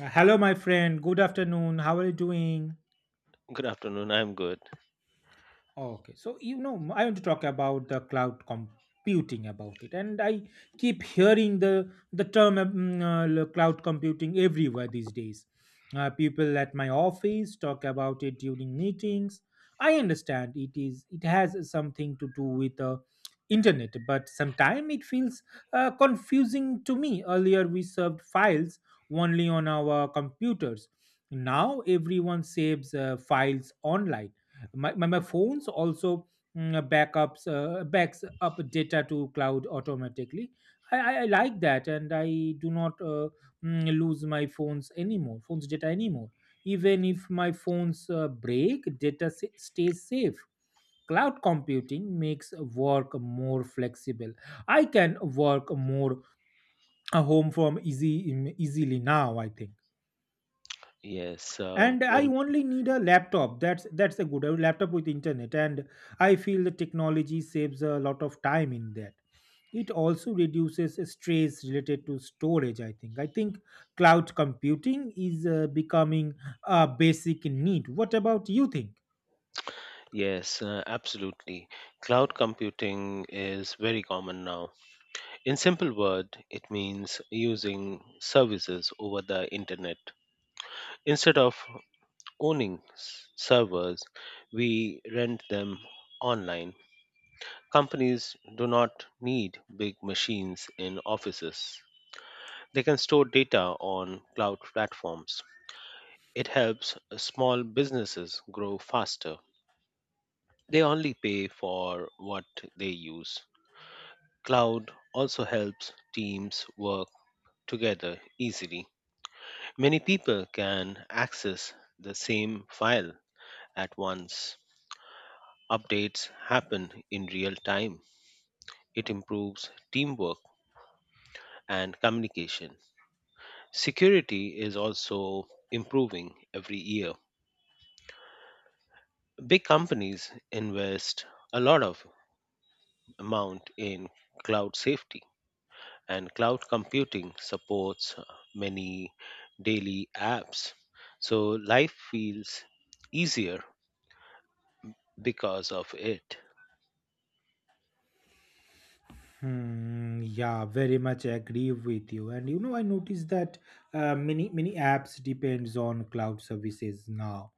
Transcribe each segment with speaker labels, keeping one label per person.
Speaker 1: Hello, my friend. Good afternoon. How are you doing?
Speaker 2: Good afternoon. I'm good.
Speaker 1: Okay, so you know, I want to talk about the cloud computing about it, and I keep hearing the term cloud computing everywhere these days. People at my office talk about it during meetings. I understand it is it has something to do with the internet, but sometimes it feels confusing to me. Earlier, we served files only on our computers. Now everyone saves files online, my phones also backups backs up data to cloud automatically. I like that, and I do not lose my phones anymore phones data anymore. Even if my phones break, data stays safe. Cloud computing makes work more flexible. I can work more home from easily now, I think.
Speaker 2: Yes, uh,
Speaker 1: And I
Speaker 2: very,
Speaker 1: only need a laptop, that's a good a laptop with internet, and I feel the technology saves a lot of time in that. It also reduces stress related to storage, I think cloud computing is becoming a basic need. What about you think?
Speaker 2: yes, Absolutely. Cloud computing is very common now. In simple word, it means using services over the internet. Instead of servers, we rent them online. Companies do not need big machines in offices. They can store data on cloud platforms. It helps small businesses grow faster. They only pay for what they use. Cloud also helps teams work together easily. Many people can access the same file at once. Updates happen in real time. It improves teamwork and communication. Security is also improving every year. Big companies invest a lot of amount in cloud safety, and cloud computing supports many daily apps. So life feels easier because of it.
Speaker 1: Hmm, yeah, very much agree with you. And you know, I noticed that many apps depends on cloud services now.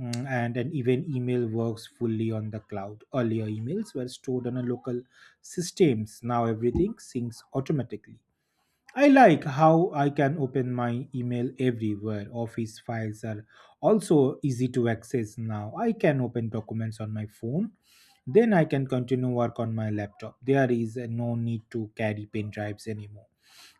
Speaker 1: And an event email works fully on the cloud. Earlier emails were stored on a local systems. Now everything syncs automatically. I like how I can open my email everywhere. Office files are also easy to access now. I can open documents on my phone. Then I can continue work on my laptop. There is no need to carry pen drives anymore.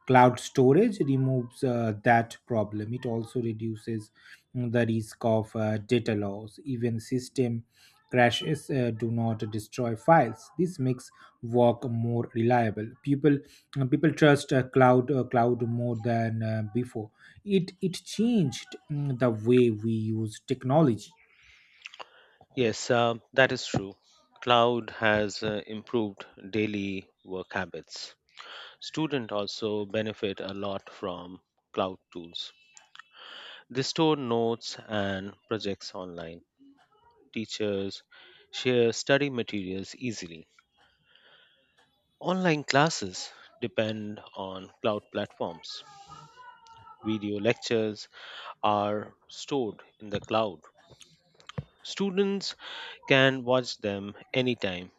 Speaker 1: Cloud storage removes that problem. It also reduces the risk of data loss. Even system crashes do not destroy files. This makes work more reliable. People trust cloud more than before. It changed the way we use technology.
Speaker 2: Yes, that is true. Cloud has improved daily work habits. Students also benefit a lot from cloud tools. They store notes and projects online. Teachers share study materials easily. Online classes depend on cloud platforms. Video lectures are stored in the cloud. Students can watch them anytime.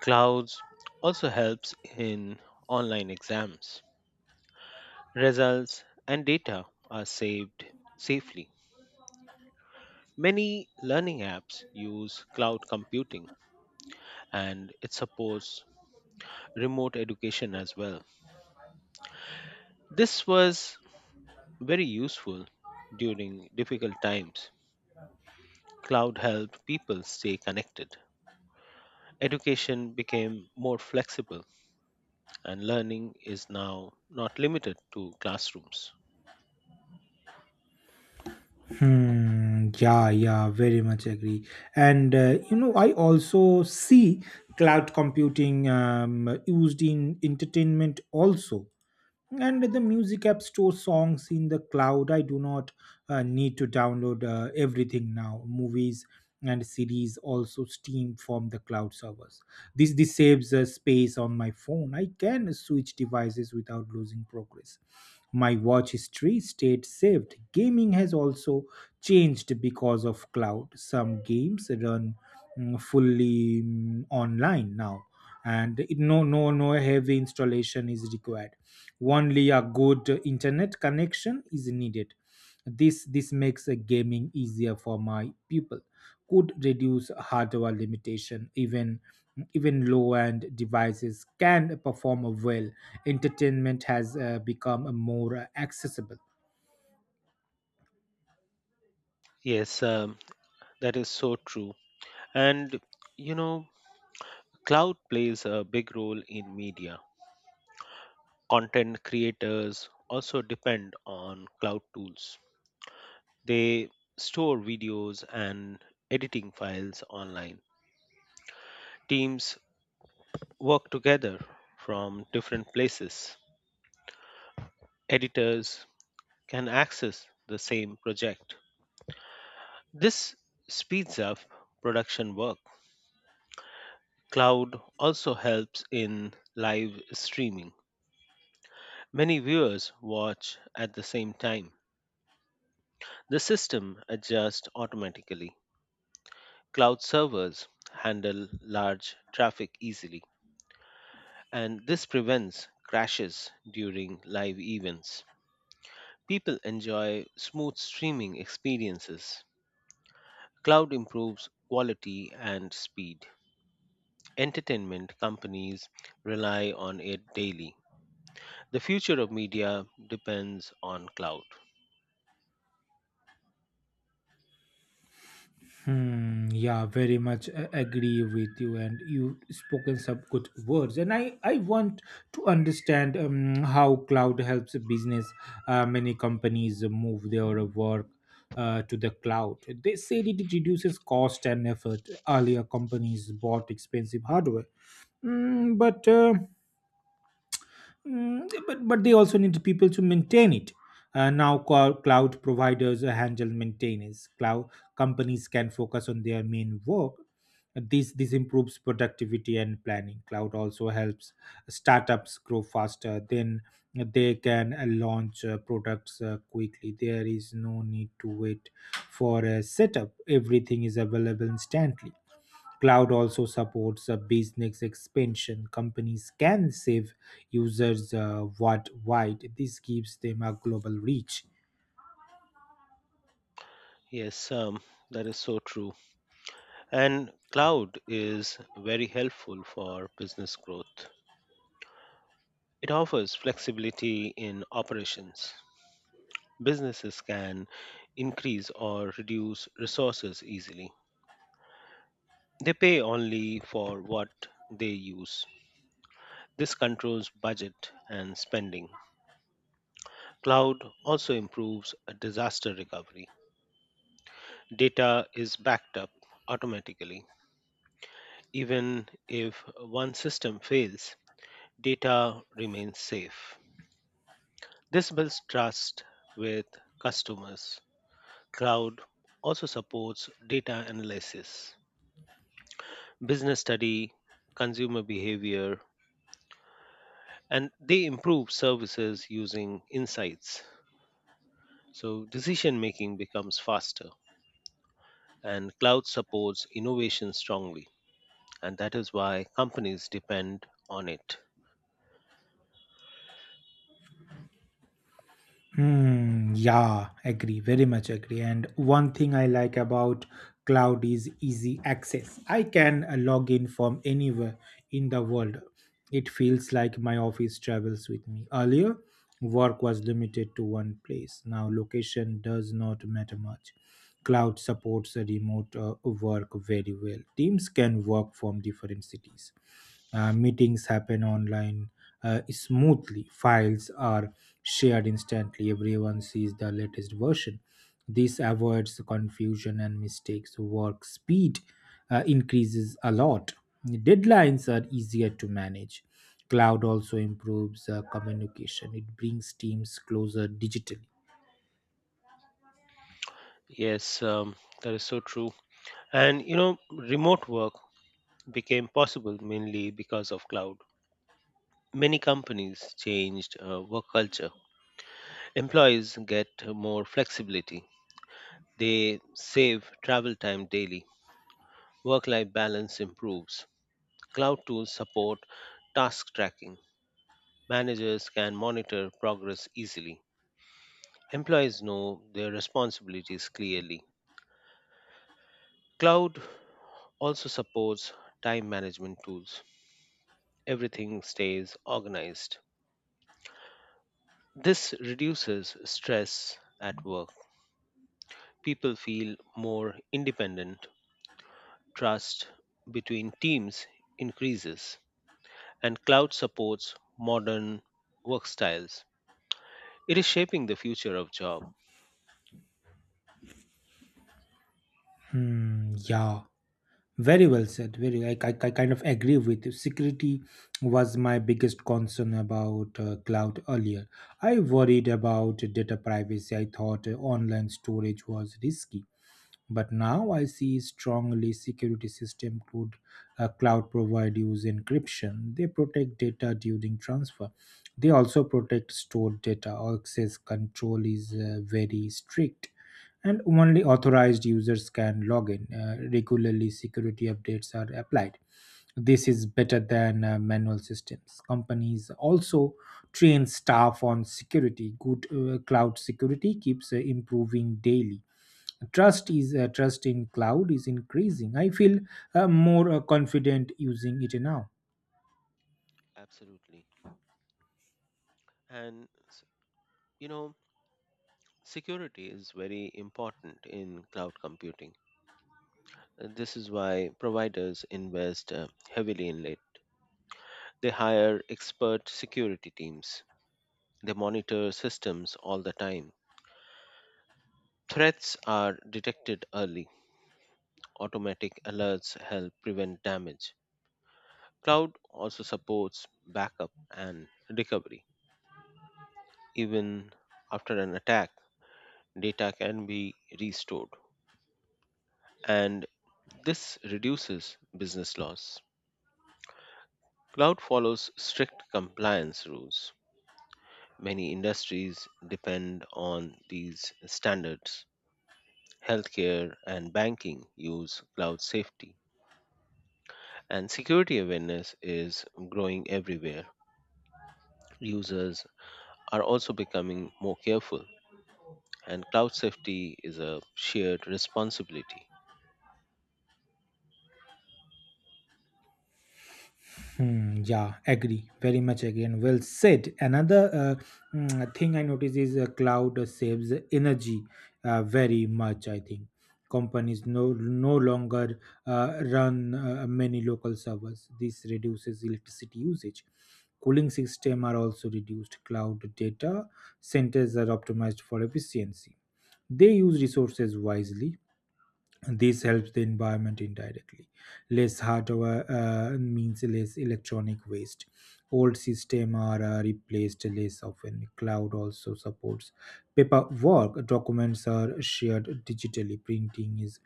Speaker 2: Clouds also helps in online exams. Results and data are saved safely. Many learning apps use cloud computing, and it supports remote education as well. This was very useful during difficult times. Cloud helped people stay connected. Education became more flexible, and learning is now not limited to classrooms.
Speaker 1: Hmm, yeah, yeah, very much agree. And you know, I also see cloud computing used in entertainment also. And the music app store songs in the cloud. I do not need to download everything now. Movies and series also stream from the cloud servers. This saves space on my phone. I can switch devices without losing progress. My watch history stayed saved. Gaming has also changed because of cloud. Some games run fully online now, and it, no heavy installation is required. Only a good internet connection is needed. This makes gaming easier for my people. Could reduce hardware limitation. Even low-end devices can perform well. Entertainment has become more accessible.
Speaker 2: Yes, that is so true. And you know, cloud plays a big role in media. Content creators also depend on cloud tools. They store videos and editing files online. Teams work together from different places. Editors can access the same project. This speeds up production work. Cloud also helps in live streaming. Many viewers watch at the same time. The system adjusts automatically. Cloud servers handle large traffic easily, and this prevents crashes during live events. People enjoy smooth streaming experiences. Cloud improves quality and speed. Entertainment companies rely on it daily. The future of media depends on cloud.
Speaker 1: Hmm, yeah, very much agree with you, and you've spoken some good words. And I want to understand how cloud helps business. Many companies move their work to the cloud. They said it reduces cost and effort. Earlier, companies bought expensive hardware. Mm, but uh, yeah, but they also need people to maintain it. Now cloud providers handle maintenance. Cloud companies can focus on their main work. This improves productivity and planning. Cloud also helps startups grow faster. Then they can launch products quickly. There is no need to wait for a setup. Everything is available instantly. Cloud also supports a business expansion. Companies can save users worldwide. This gives them a global reach.
Speaker 2: Yes, that is so true. And cloud is very helpful for business growth. It offers flexibility in operations. Businesses can increase or reduce resources easily. They pay only for what they use. This controls budget and spending. Cloud also improves disaster recovery. Data is backed up automatically. Even if one system fails, data remains safe. This builds trust with customers. Cloud also supports data analysis, business study, consumer behavior, and they improve services using insights. So decision making becomes faster, and cloud supports innovation strongly. And that is why companies depend on it.
Speaker 1: Hmm, yeah, agree, very much agree. And one thing I like about cloud is easy access. I can log in from anywhere in the world. It feels like my office travels with me. Earlier, work was limited to one place. Now, location does not matter much. Cloud supports remote work very well. Teams can work from different cities. Meetings happen online smoothly. Files are shared instantly, everyone sees the latest version. This avoids confusion and mistakes. Work speed increases a lot. Deadlines are easier to manage. Cloud also improves communication, it brings teams closer digitally.
Speaker 2: Yes, that is so true. And you know, remote work became possible mainly because of cloud. Many companies changed work culture. Employees get more flexibility. They save travel time daily. Work life balance improves. Cloud tools support task tracking. Managers can monitor progress easily. Employees know their responsibilities clearly. Cloud also supports time management tools. Everything stays organized. This reduces stress at work. People feel more independent, trust between teams increases, and cloud supports modern work styles. It is shaping the future of job.
Speaker 1: Hmm, yeah. Very well said. Very, I kind of agree with you. Security was my biggest concern about cloud earlier. I worried about data privacy. I thought online storage was risky, but now I see strongly security system could cloud provide use encryption. They protect data during transfer. They also protect stored data. Access control is very strict, and only authorized users can log in. Regularly, security updates are applied. This is better than manual systems. Companies also train staff on security. Good cloud security keeps improving daily. Trust in cloud is increasing. I feel more confident using it now.
Speaker 2: Absolutely. And s- you know, security is very important in cloud computing. This is why providers invest heavily in it. They hire expert security teams. They monitor systems all the time. Threats are detected early. Automatic alerts help prevent damage. Cloud also supports backup and recovery. Even after an attack, data can be restored, and this reduces business loss. Cloud follows strict compliance rules. Many industries depend on these standards. Healthcare and banking use cloud safety, and security awareness is growing everywhere. Users are also becoming more careful, and cloud safety is a shared responsibility.
Speaker 1: Hmm, yeah, agree. Very much agree. And well said. Another thing I notice is cloud saves energy very much, I think. Companies no longer run many local servers. This reduces electricity usage. Cooling system are also reduced. Cloud data centers are optimized for efficiency. They use resources wisely. This helps the environment indirectly. Less hardware means less electronic waste. Old systems are replaced less often. Cloud also supports paperwork. Documents are shared digitally. Printing is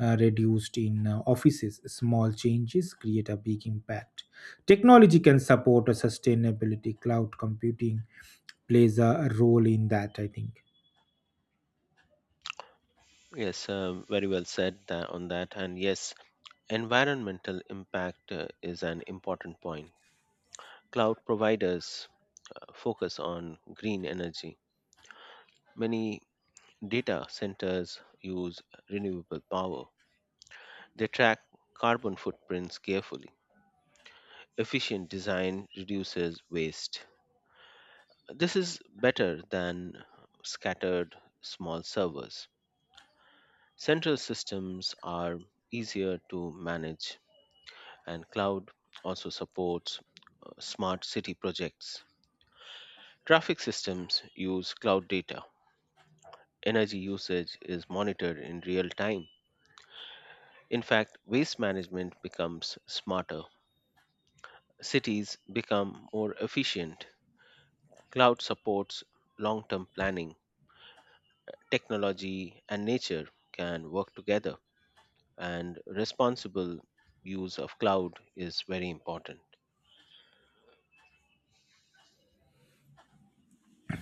Speaker 1: reduced in offices. Small changes create a big impact. Technology can support a sustainability. Cloud computing plays a role in that, I think.
Speaker 2: Yes, very well said that on that. And yes, environmental impact is an important point. Cloud providers focus on green energy. Many data centers use renewable power. They track carbon footprints carefully. Efficient design reduces waste. This is better than scattered small servers. Central systems are easier to manage, and cloud also supports smart city projects. Traffic systems use cloud data. Energy usage is monitored in real time. In fact, waste management becomes smarter. Cities become more efficient. Cloud supports long term planning. Technology and nature can work together, and responsible use of cloud is very important.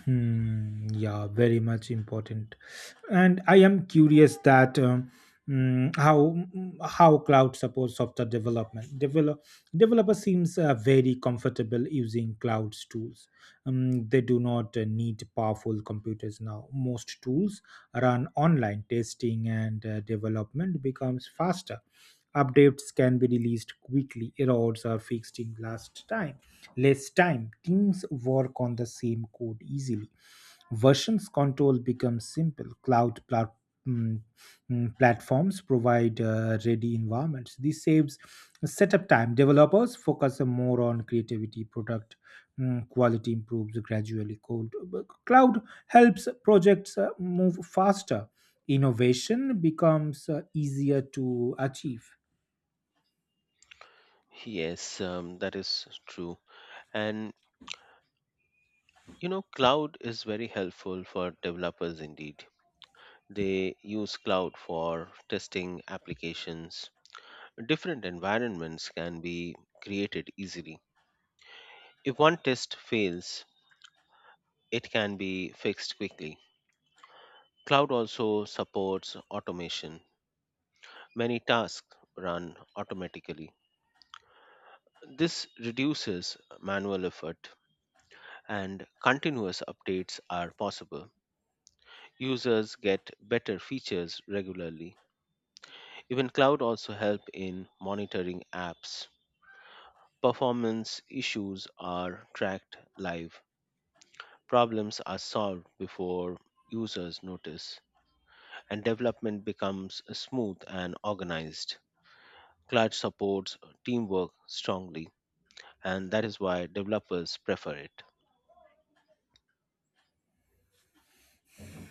Speaker 1: Hmm, yeah, very much important. And I am curious that how how cloud supports software development. Developer seems very comfortable using cloud's tools. They do not need powerful computers now. Most tools run online. Testing and development becomes faster. Updates can be released quickly. Errors are fixed in last time less time. Teams work on the same code easily. Versions control becomes simple. Cloud mm, platforms provide ready environments. This saves setup time. Developers focus more on creativity, product quality improves gradually. Code. Cloud helps projects move faster. Innovation becomes easier to achieve.
Speaker 2: Yes, that is true. And you know, cloud is very helpful for developers indeed. They use cloud for testing applications. Different environments can be created easily. If one test fails, it can be fixed quickly. Cloud also supports automation. Many tasks run automatically. This reduces manual effort, and continuous updates are possible. Users get better features regularly. Even cloud also help in monitoring apps. Performance issues are tracked live. Problems are solved before users notice, and development becomes smooth and organized. Cloud supports teamwork strongly, and that is why developers prefer it.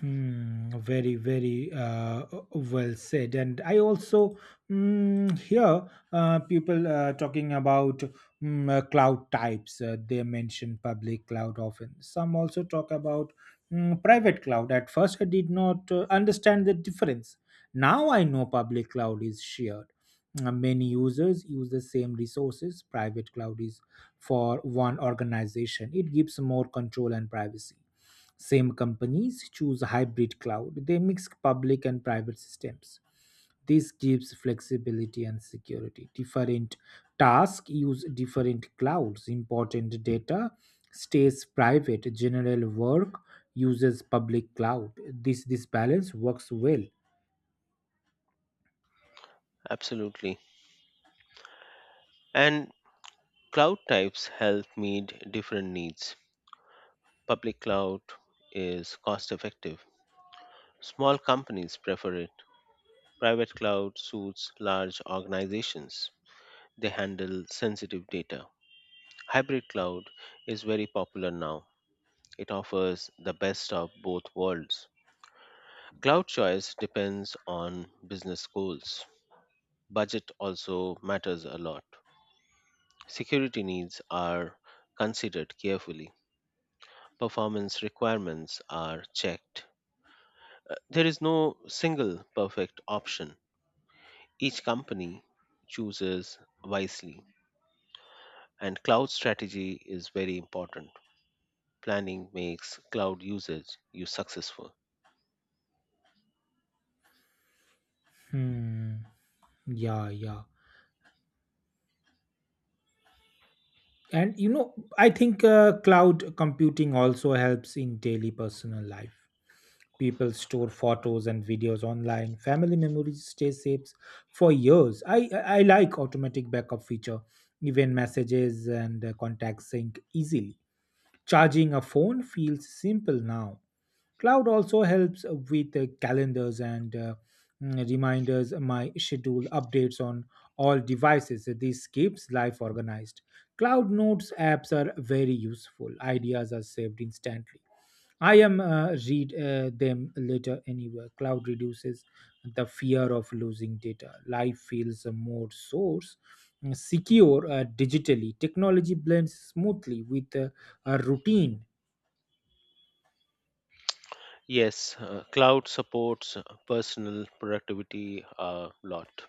Speaker 1: Hmm, very, very well said. And I also hear people talking about cloud types. They mention public cloud often. Some also talk about private cloud. At first, I did not understand the difference. Now I know public cloud is shared. Many users use the same resources. Private cloud is for one organization. It gives more control and privacy. Same companies choose hybrid cloud. They mix public and private systems. This gives flexibility and security. Different tasks use different clouds. Important data stays private. General work uses public cloud. This balance works well.
Speaker 2: Absolutely. And cloud types help meet different needs. Public cloud is cost effective. Small companies prefer it. Private cloud suits large organizations. They handle sensitive data. Hybrid cloud is very popular now. It offers the best of both worlds. Cloud choice depends on business goals. Budget also matters a lot. Security needs are considered carefully. Performance requirements are checked. There is no single perfect option. Each company chooses wisely, and cloud strategy is very important. Planning makes cloud usage you successful.
Speaker 1: Hmm. Yeah, yeah. And you know, I think cloud computing also helps in daily personal life. People store photos and videos online. Family memories stay saved for years. I like automatic backup feature. Even messages and contacts sync easily. Charging a phone feels simple now. Cloud also helps with the calendars and reminders. My schedule updates on all devices. This keeps life organized. Cloud Notes apps are very useful. Ideas are saved instantly. I am read them later anywhere. Cloud reduces the fear of losing data. Life feels more source secure digitally. Technology blends smoothly with a routine.
Speaker 2: Yes, cloud supports personal productivity a lot.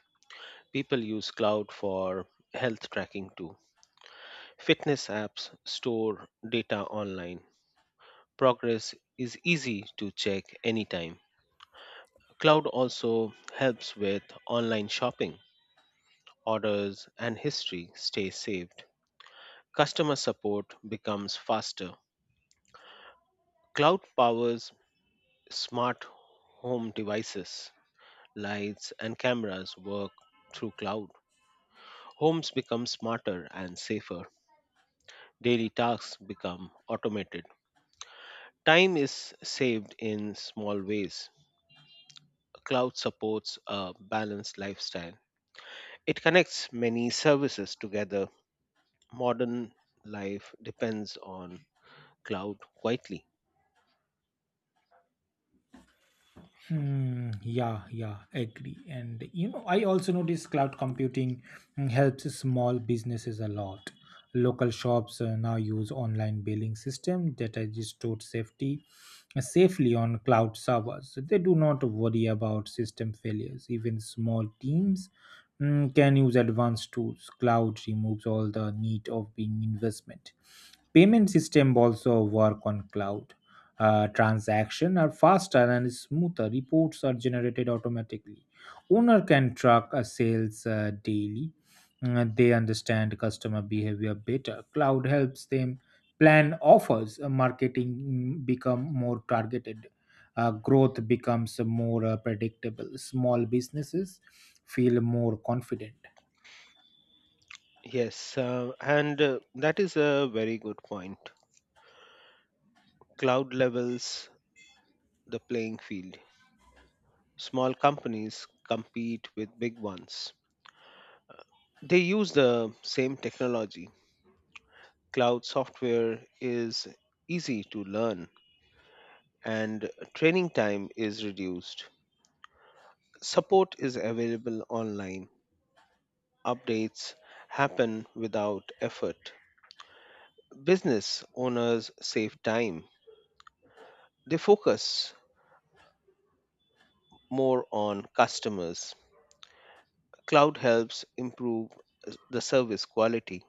Speaker 2: People use cloud for health tracking too. Fitness apps store data online. Progress is easy to check anytime. Cloud also helps with online shopping. Orders and history stay saved. Customer support becomes faster. Cloud powers smart home devices. Lights and cameras work through cloud. Homes become smarter and safer. Daily tasks become automated. Time is saved in small ways. Cloud supports a balanced lifestyle. It connects many services together. Modern life depends on cloud quietly.
Speaker 1: Hmm, yeah, yeah, agree. And you know, I also notice cloud computing helps small businesses a lot. Local shops now use online billing system that is stored safety safely on cloud servers. They do not worry about system failures. Even small teams can use advanced tools. Cloud removes all the need of being investment. Payment system also work on cloud. Transaction are faster and smoother. Reports are generated automatically. Owner can track sales daily. They understand customer behavior better. Cloud helps them plan offers. Marketing become more targeted. Growth becomes more predictable. Small businesses feel more confident.
Speaker 2: Yes, and That is a very good point. Cloud levels the playing field. Small companies compete with big ones. They use the same technology. Cloud software is easy to learn, and training time is reduced. Support is available online. Updates happen without effort. Business owners save time. They focus more on customers. Cloud helps improve the service quality,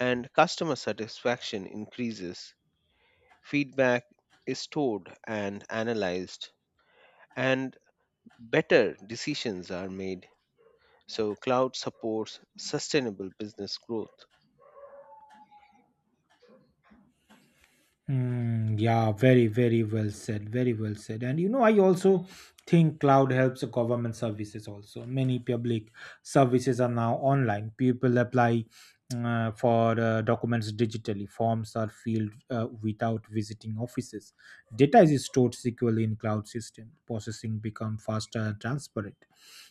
Speaker 2: and customer satisfaction increases. Feedback is stored and analyzed, and better decisions are made. So, cloud supports sustainable business growth.
Speaker 1: Mm, yeah, very well said. Very well said. And you know, I also think cloud helps government services also. Many public services are now online. People apply for documents digitally. Forms are filled without visiting offices. Data is stored securely in cloud systems. Processing become faster and transparent.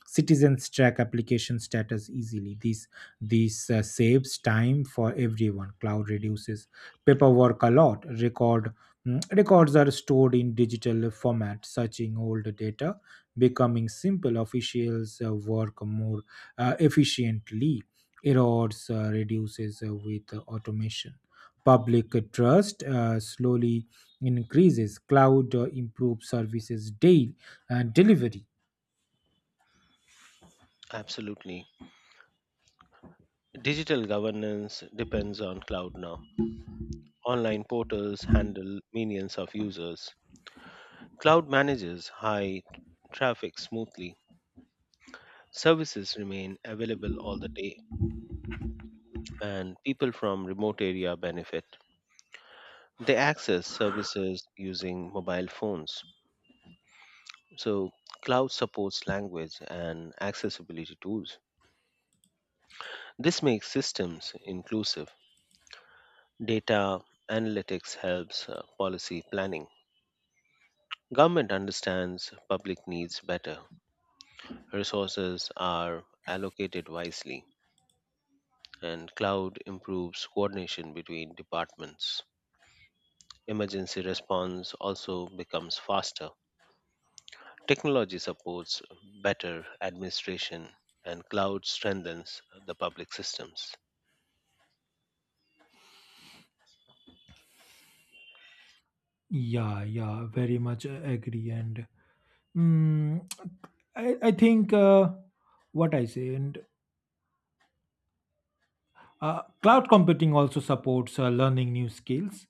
Speaker 1: Citizens track application status easily. This saves time for everyone. Cloud reduces paperwork a lot. Records are stored in digital format. Searching old data becoming simple. Officials work more efficiently. Errors reduces with automation. Public trust slowly increases. Cloud improves services daily and delivery.
Speaker 2: Absolutely. Digital governance depends on cloud now. Online portals handle millions of users. Cloud manages high traffic smoothly. Services remain available all the day, and people from remote area benefit. They access services using mobile phones. So, cloud supports language and accessibility tools. This makes systems inclusive. Data analytics helps policy planning. Government understands public needs better. Resources are allocated wisely, and cloud improves coordination between departments. Emergency response also becomes faster. Technology supports better administration, and cloud strengthens the public systems.
Speaker 1: Yeah, yeah, very much agree. And mm, I think what I say, and cloud computing also supports learning new skills.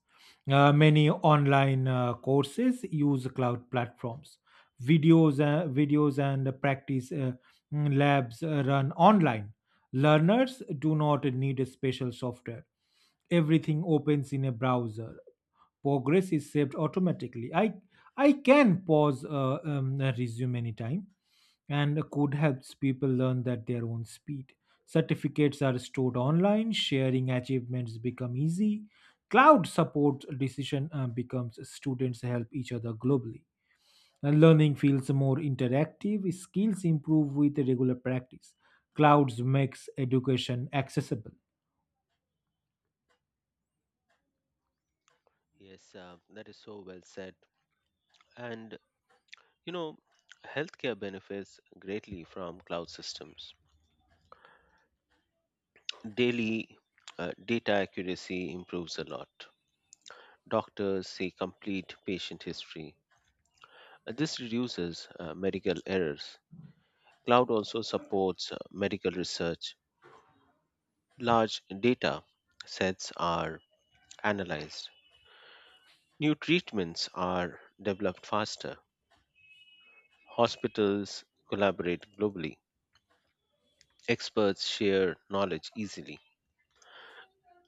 Speaker 1: Many online courses use cloud platforms. Videos and practice labs run online. Learners do not need a special software. Everything opens in a browser. Progress is saved automatically. I can pause a resume anytime and code helps people learn at their own speed. Certificates are stored online, sharing achievements become easy. Cloud support decision becomes students help each other globally. And learning feels more interactive, skills improve with regular practice. Clouds makes education accessible.
Speaker 2: Yes, that is so well said. And you know, healthcare benefits greatly from cloud systems. Daily data accuracy improves a lot. Doctors see complete patient history. This reduces medical errors. Cloud also supports medical research. Large data sets are analyzed. New treatments are developed faster, hospitals collaborate globally, experts share knowledge easily,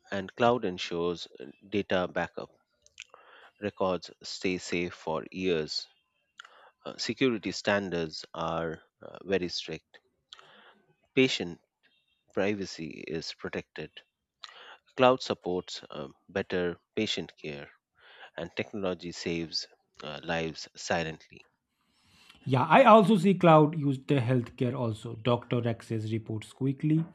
Speaker 2: and cloud ensures data backup. Records stay safe for years. Security standards are very strict. Patient privacy is protected. Cloud supports better patient care, and technology saves lives silently.
Speaker 1: Yeah, I also see cloud used in healthcare also. Doctor access reports quickly.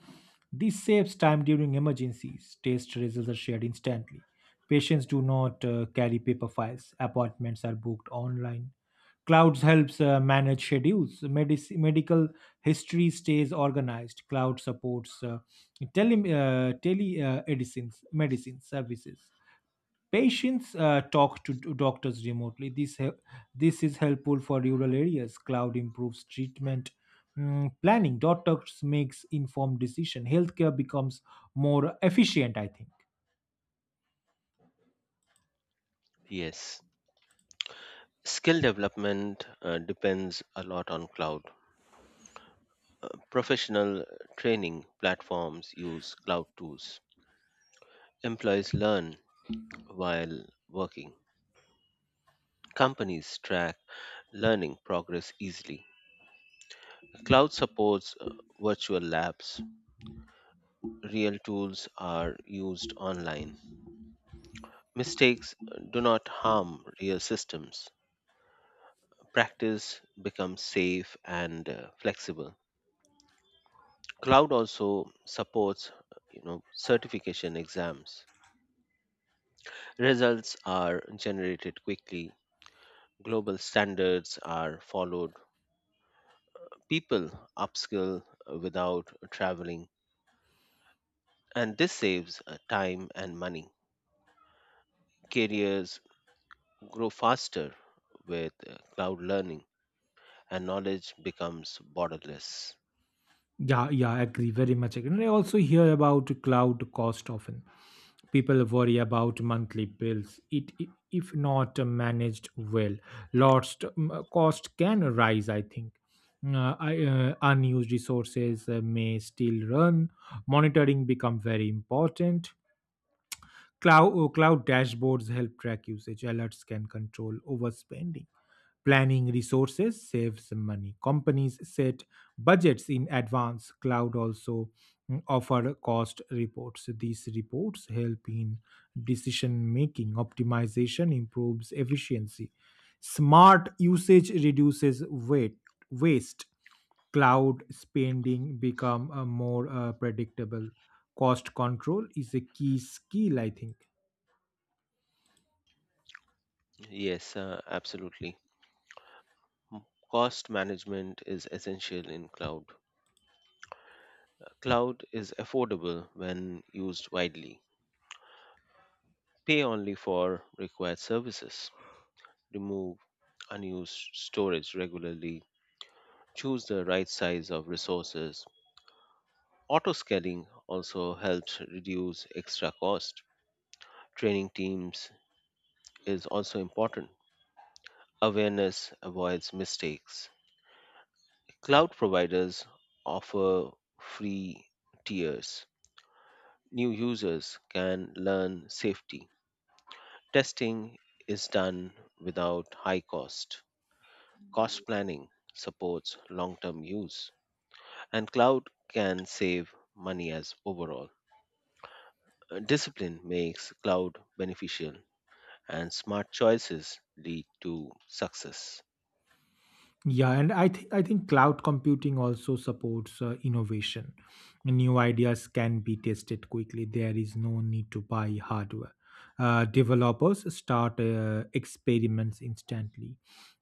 Speaker 1: This saves time during emergencies. Test results are shared instantly. Patients do not carry paper files. Appointments are booked online. Clouds helps manage schedules. Medical history stays organized. Cloud supports medicine services. Patients talk to doctors remotely. This is helpful for rural areas. Cloud improves treatment planning. Doctors makes informed decision. Healthcare becomes more efficient, I think.
Speaker 2: Yes. Skill development depends a lot on cloud. Professional training platforms use cloud tools. Employees learn while working. Companies track learning progress easily. Cloud supports virtual labs. Real tools are used online. Mistakes do not harm real systems. Practice becomes safe and flexible. Cloud also supports certification exams. Results are generated quickly, global standards are followed, people upskill without traveling, and this saves time and money. Careers grow faster with cloud learning, and knowledge becomes borderless.
Speaker 1: Yeah, yeah, agree very much. Agree. And I also hear about cloud cost often. People worry about monthly bills. If not managed well, lost cost can rise, I think. Unused resources may still run. Monitoring become very important. Cloud dashboards help track usage. Alerts can control overspending. Planning resources saves money. Companies set budgets in advance. Cloud also offer cost reports. These reports help in decision making. Optimization improves efficiency. Smart usage reduces waste. Cloud spending become more predictable. Cost control is a key skill, I think.
Speaker 2: Yes, absolutely. Cost management is essential in cloud. Cloud is affordable when used widely. Pay only for required services. Remove unused storage regularly, choose the right size of resources. Auto scaling also helps reduce extra cost. Training teams is also important. Awareness avoids mistakes. Cloud providers offer free tiers. New users can learn safety. Testing is done without high cost. Cost planning supports long term use, and cloud can save money as overall. Discipline makes cloud beneficial, and smart choices lead to success.
Speaker 1: Yeah, and I think cloud computing also supports innovation. New ideas can be tested quickly. There is no need to buy hardware. Developers start experiments instantly.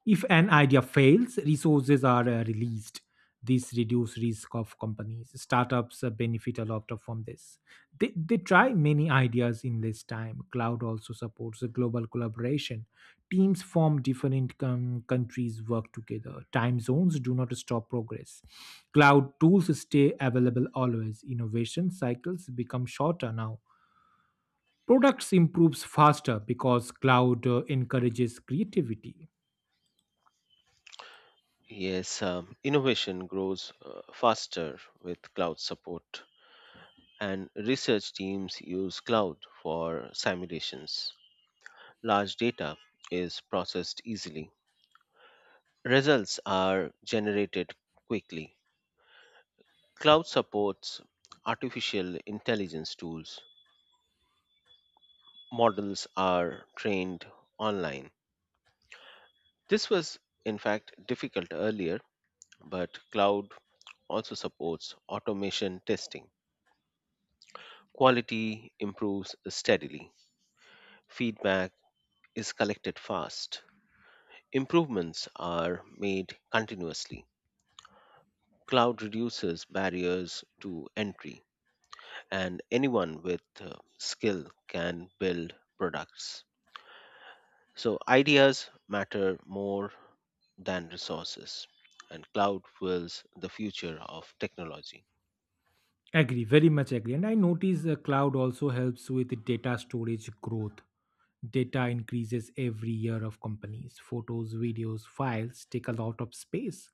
Speaker 1: If an idea fails, resources are released. This reduce risk of companies. Startups benefit a lot from this. They try many ideas in less time. Cloud also supports global collaboration. Teams from different countries work together. Time zones do not stop progress. Cloud tools stay available always. Innovation cycles become shorter now. Products improves faster because cloud encourages creativity.
Speaker 2: Yes, innovation grows faster with cloud support, and research teams use cloud for simulations. Large data is processed easily, results are generated quickly. Cloud supports artificial intelligence tools. Models are trained online. This was, in fact, difficult earlier, but cloud also supports automation testing. Quality improves steadily, feedback is collected fast, improvements are made continuously. Cloud reduces barriers to entry, and anyone with skill can build products. So, ideas matter more than resources, and cloud fuels the future of technology.
Speaker 1: Agree very much. Agree. And I notice cloud also helps with data storage growth. Data increases every year of companies. Photos, videos, files take a lot of space.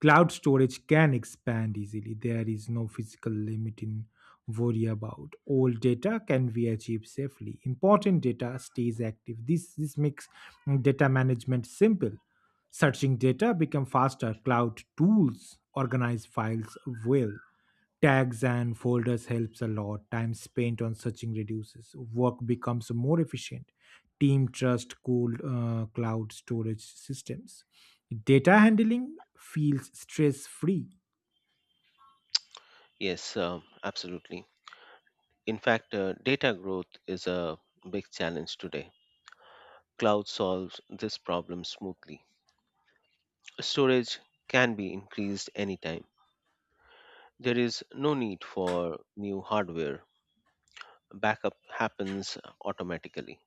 Speaker 1: Cloud storage can expand easily. There is no physical limit in worry about. Old data can be achieved safely. Important data stays active. This makes data management simple. Searching data become faster. Cloud tools organize files well. Tags and folders helps a lot. Time spent on searching reduces. Work becomes more efficient. Team trust cloud storage systems. Data handling feels stress free.
Speaker 2: Yes, absolutely. In fact, data growth is a big challenge today. Cloud solves this problem smoothly. Storage can be increased anytime. There is no need for new hardware. Backup happens automatically.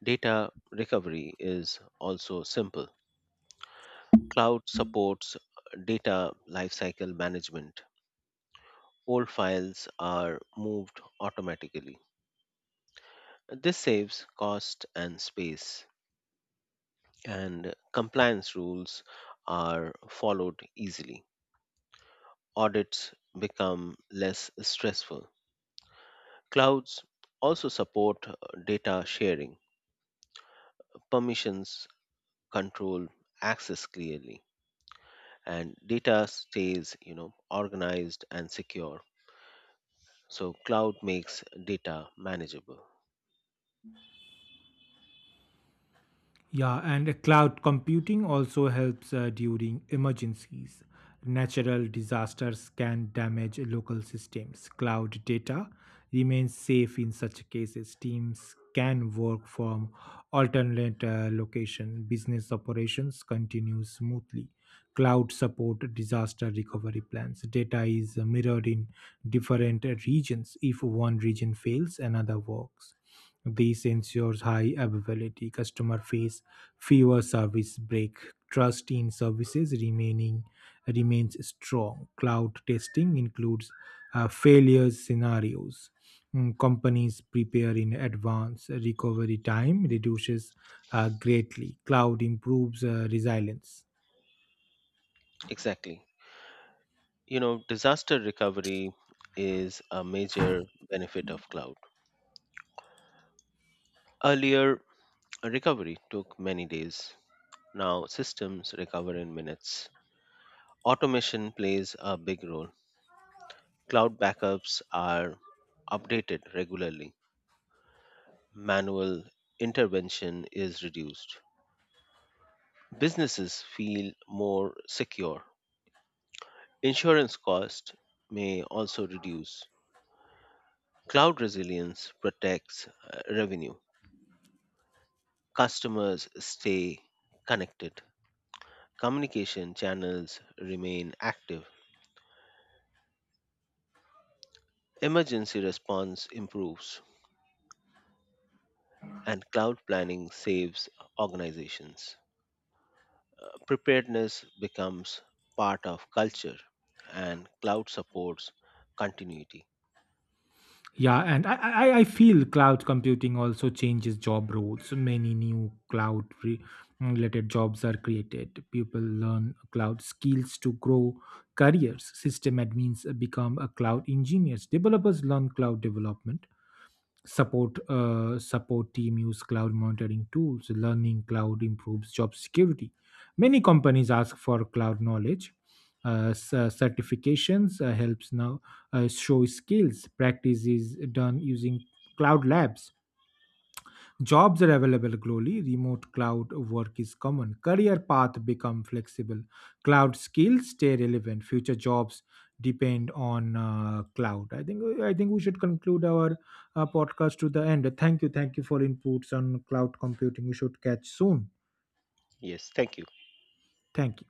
Speaker 2: Data recovery is also simple. Cloud supports data lifecycle management. Old files are moved automatically. This saves cost and space, and compliance rules are followed easily. Audits become less stressful. Clouds also support data sharing, permissions control access clearly, and data stays, you know, organized and secure. So cloud makes data manageable.
Speaker 1: Yeah, and cloud computing also helps during emergencies. Natural disasters can damage local systems. Cloud data remains safe in such cases. Teams can work from alternate location. Business operations continue smoothly. Cloud support disaster recovery plans. Data is mirrored in different regions. If one region fails, another works. This ensures high availability. Customer face fewer service break. Trust in services remaining Remains strong. Cloud testing includes failures scenarios. Companies prepare in advance. Recovery time reduces greatly. Cloud improves resilience.
Speaker 2: Exactly. You know, disaster recovery is a major benefit of cloud. Earlier, recovery took many days. Now systems recover in minutes. Automation plays a big role. Cloud backups are updated regularly. Manual intervention is reduced. Businesses feel more secure. Insurance costs may also reduce. Cloud resilience protects revenue. Customers stay connected. Communication channels remain active. Emergency response improves, and cloud planning saves organizations. Preparedness becomes part of culture, and cloud supports continuity.
Speaker 1: Yeah, and I feel cloud computing also changes job roles. Many new related jobs are created. People learn cloud skills to grow careers. System admins become a cloud engineers. Developers learn cloud development. Support team use cloud monitoring tools. Learning cloud improves job security. Many companies ask for cloud knowledge. Certifications helps now show skills. Practice is done using cloud labs. Jobs are available globally, remote cloud work is common, career path become flexible, cloud skills stay relevant, future jobs depend on cloud. I think we should conclude our podcast to the end. Thank you for inputs on cloud computing. We should catch soon.
Speaker 2: Yes, thank you.
Speaker 1: Thank you.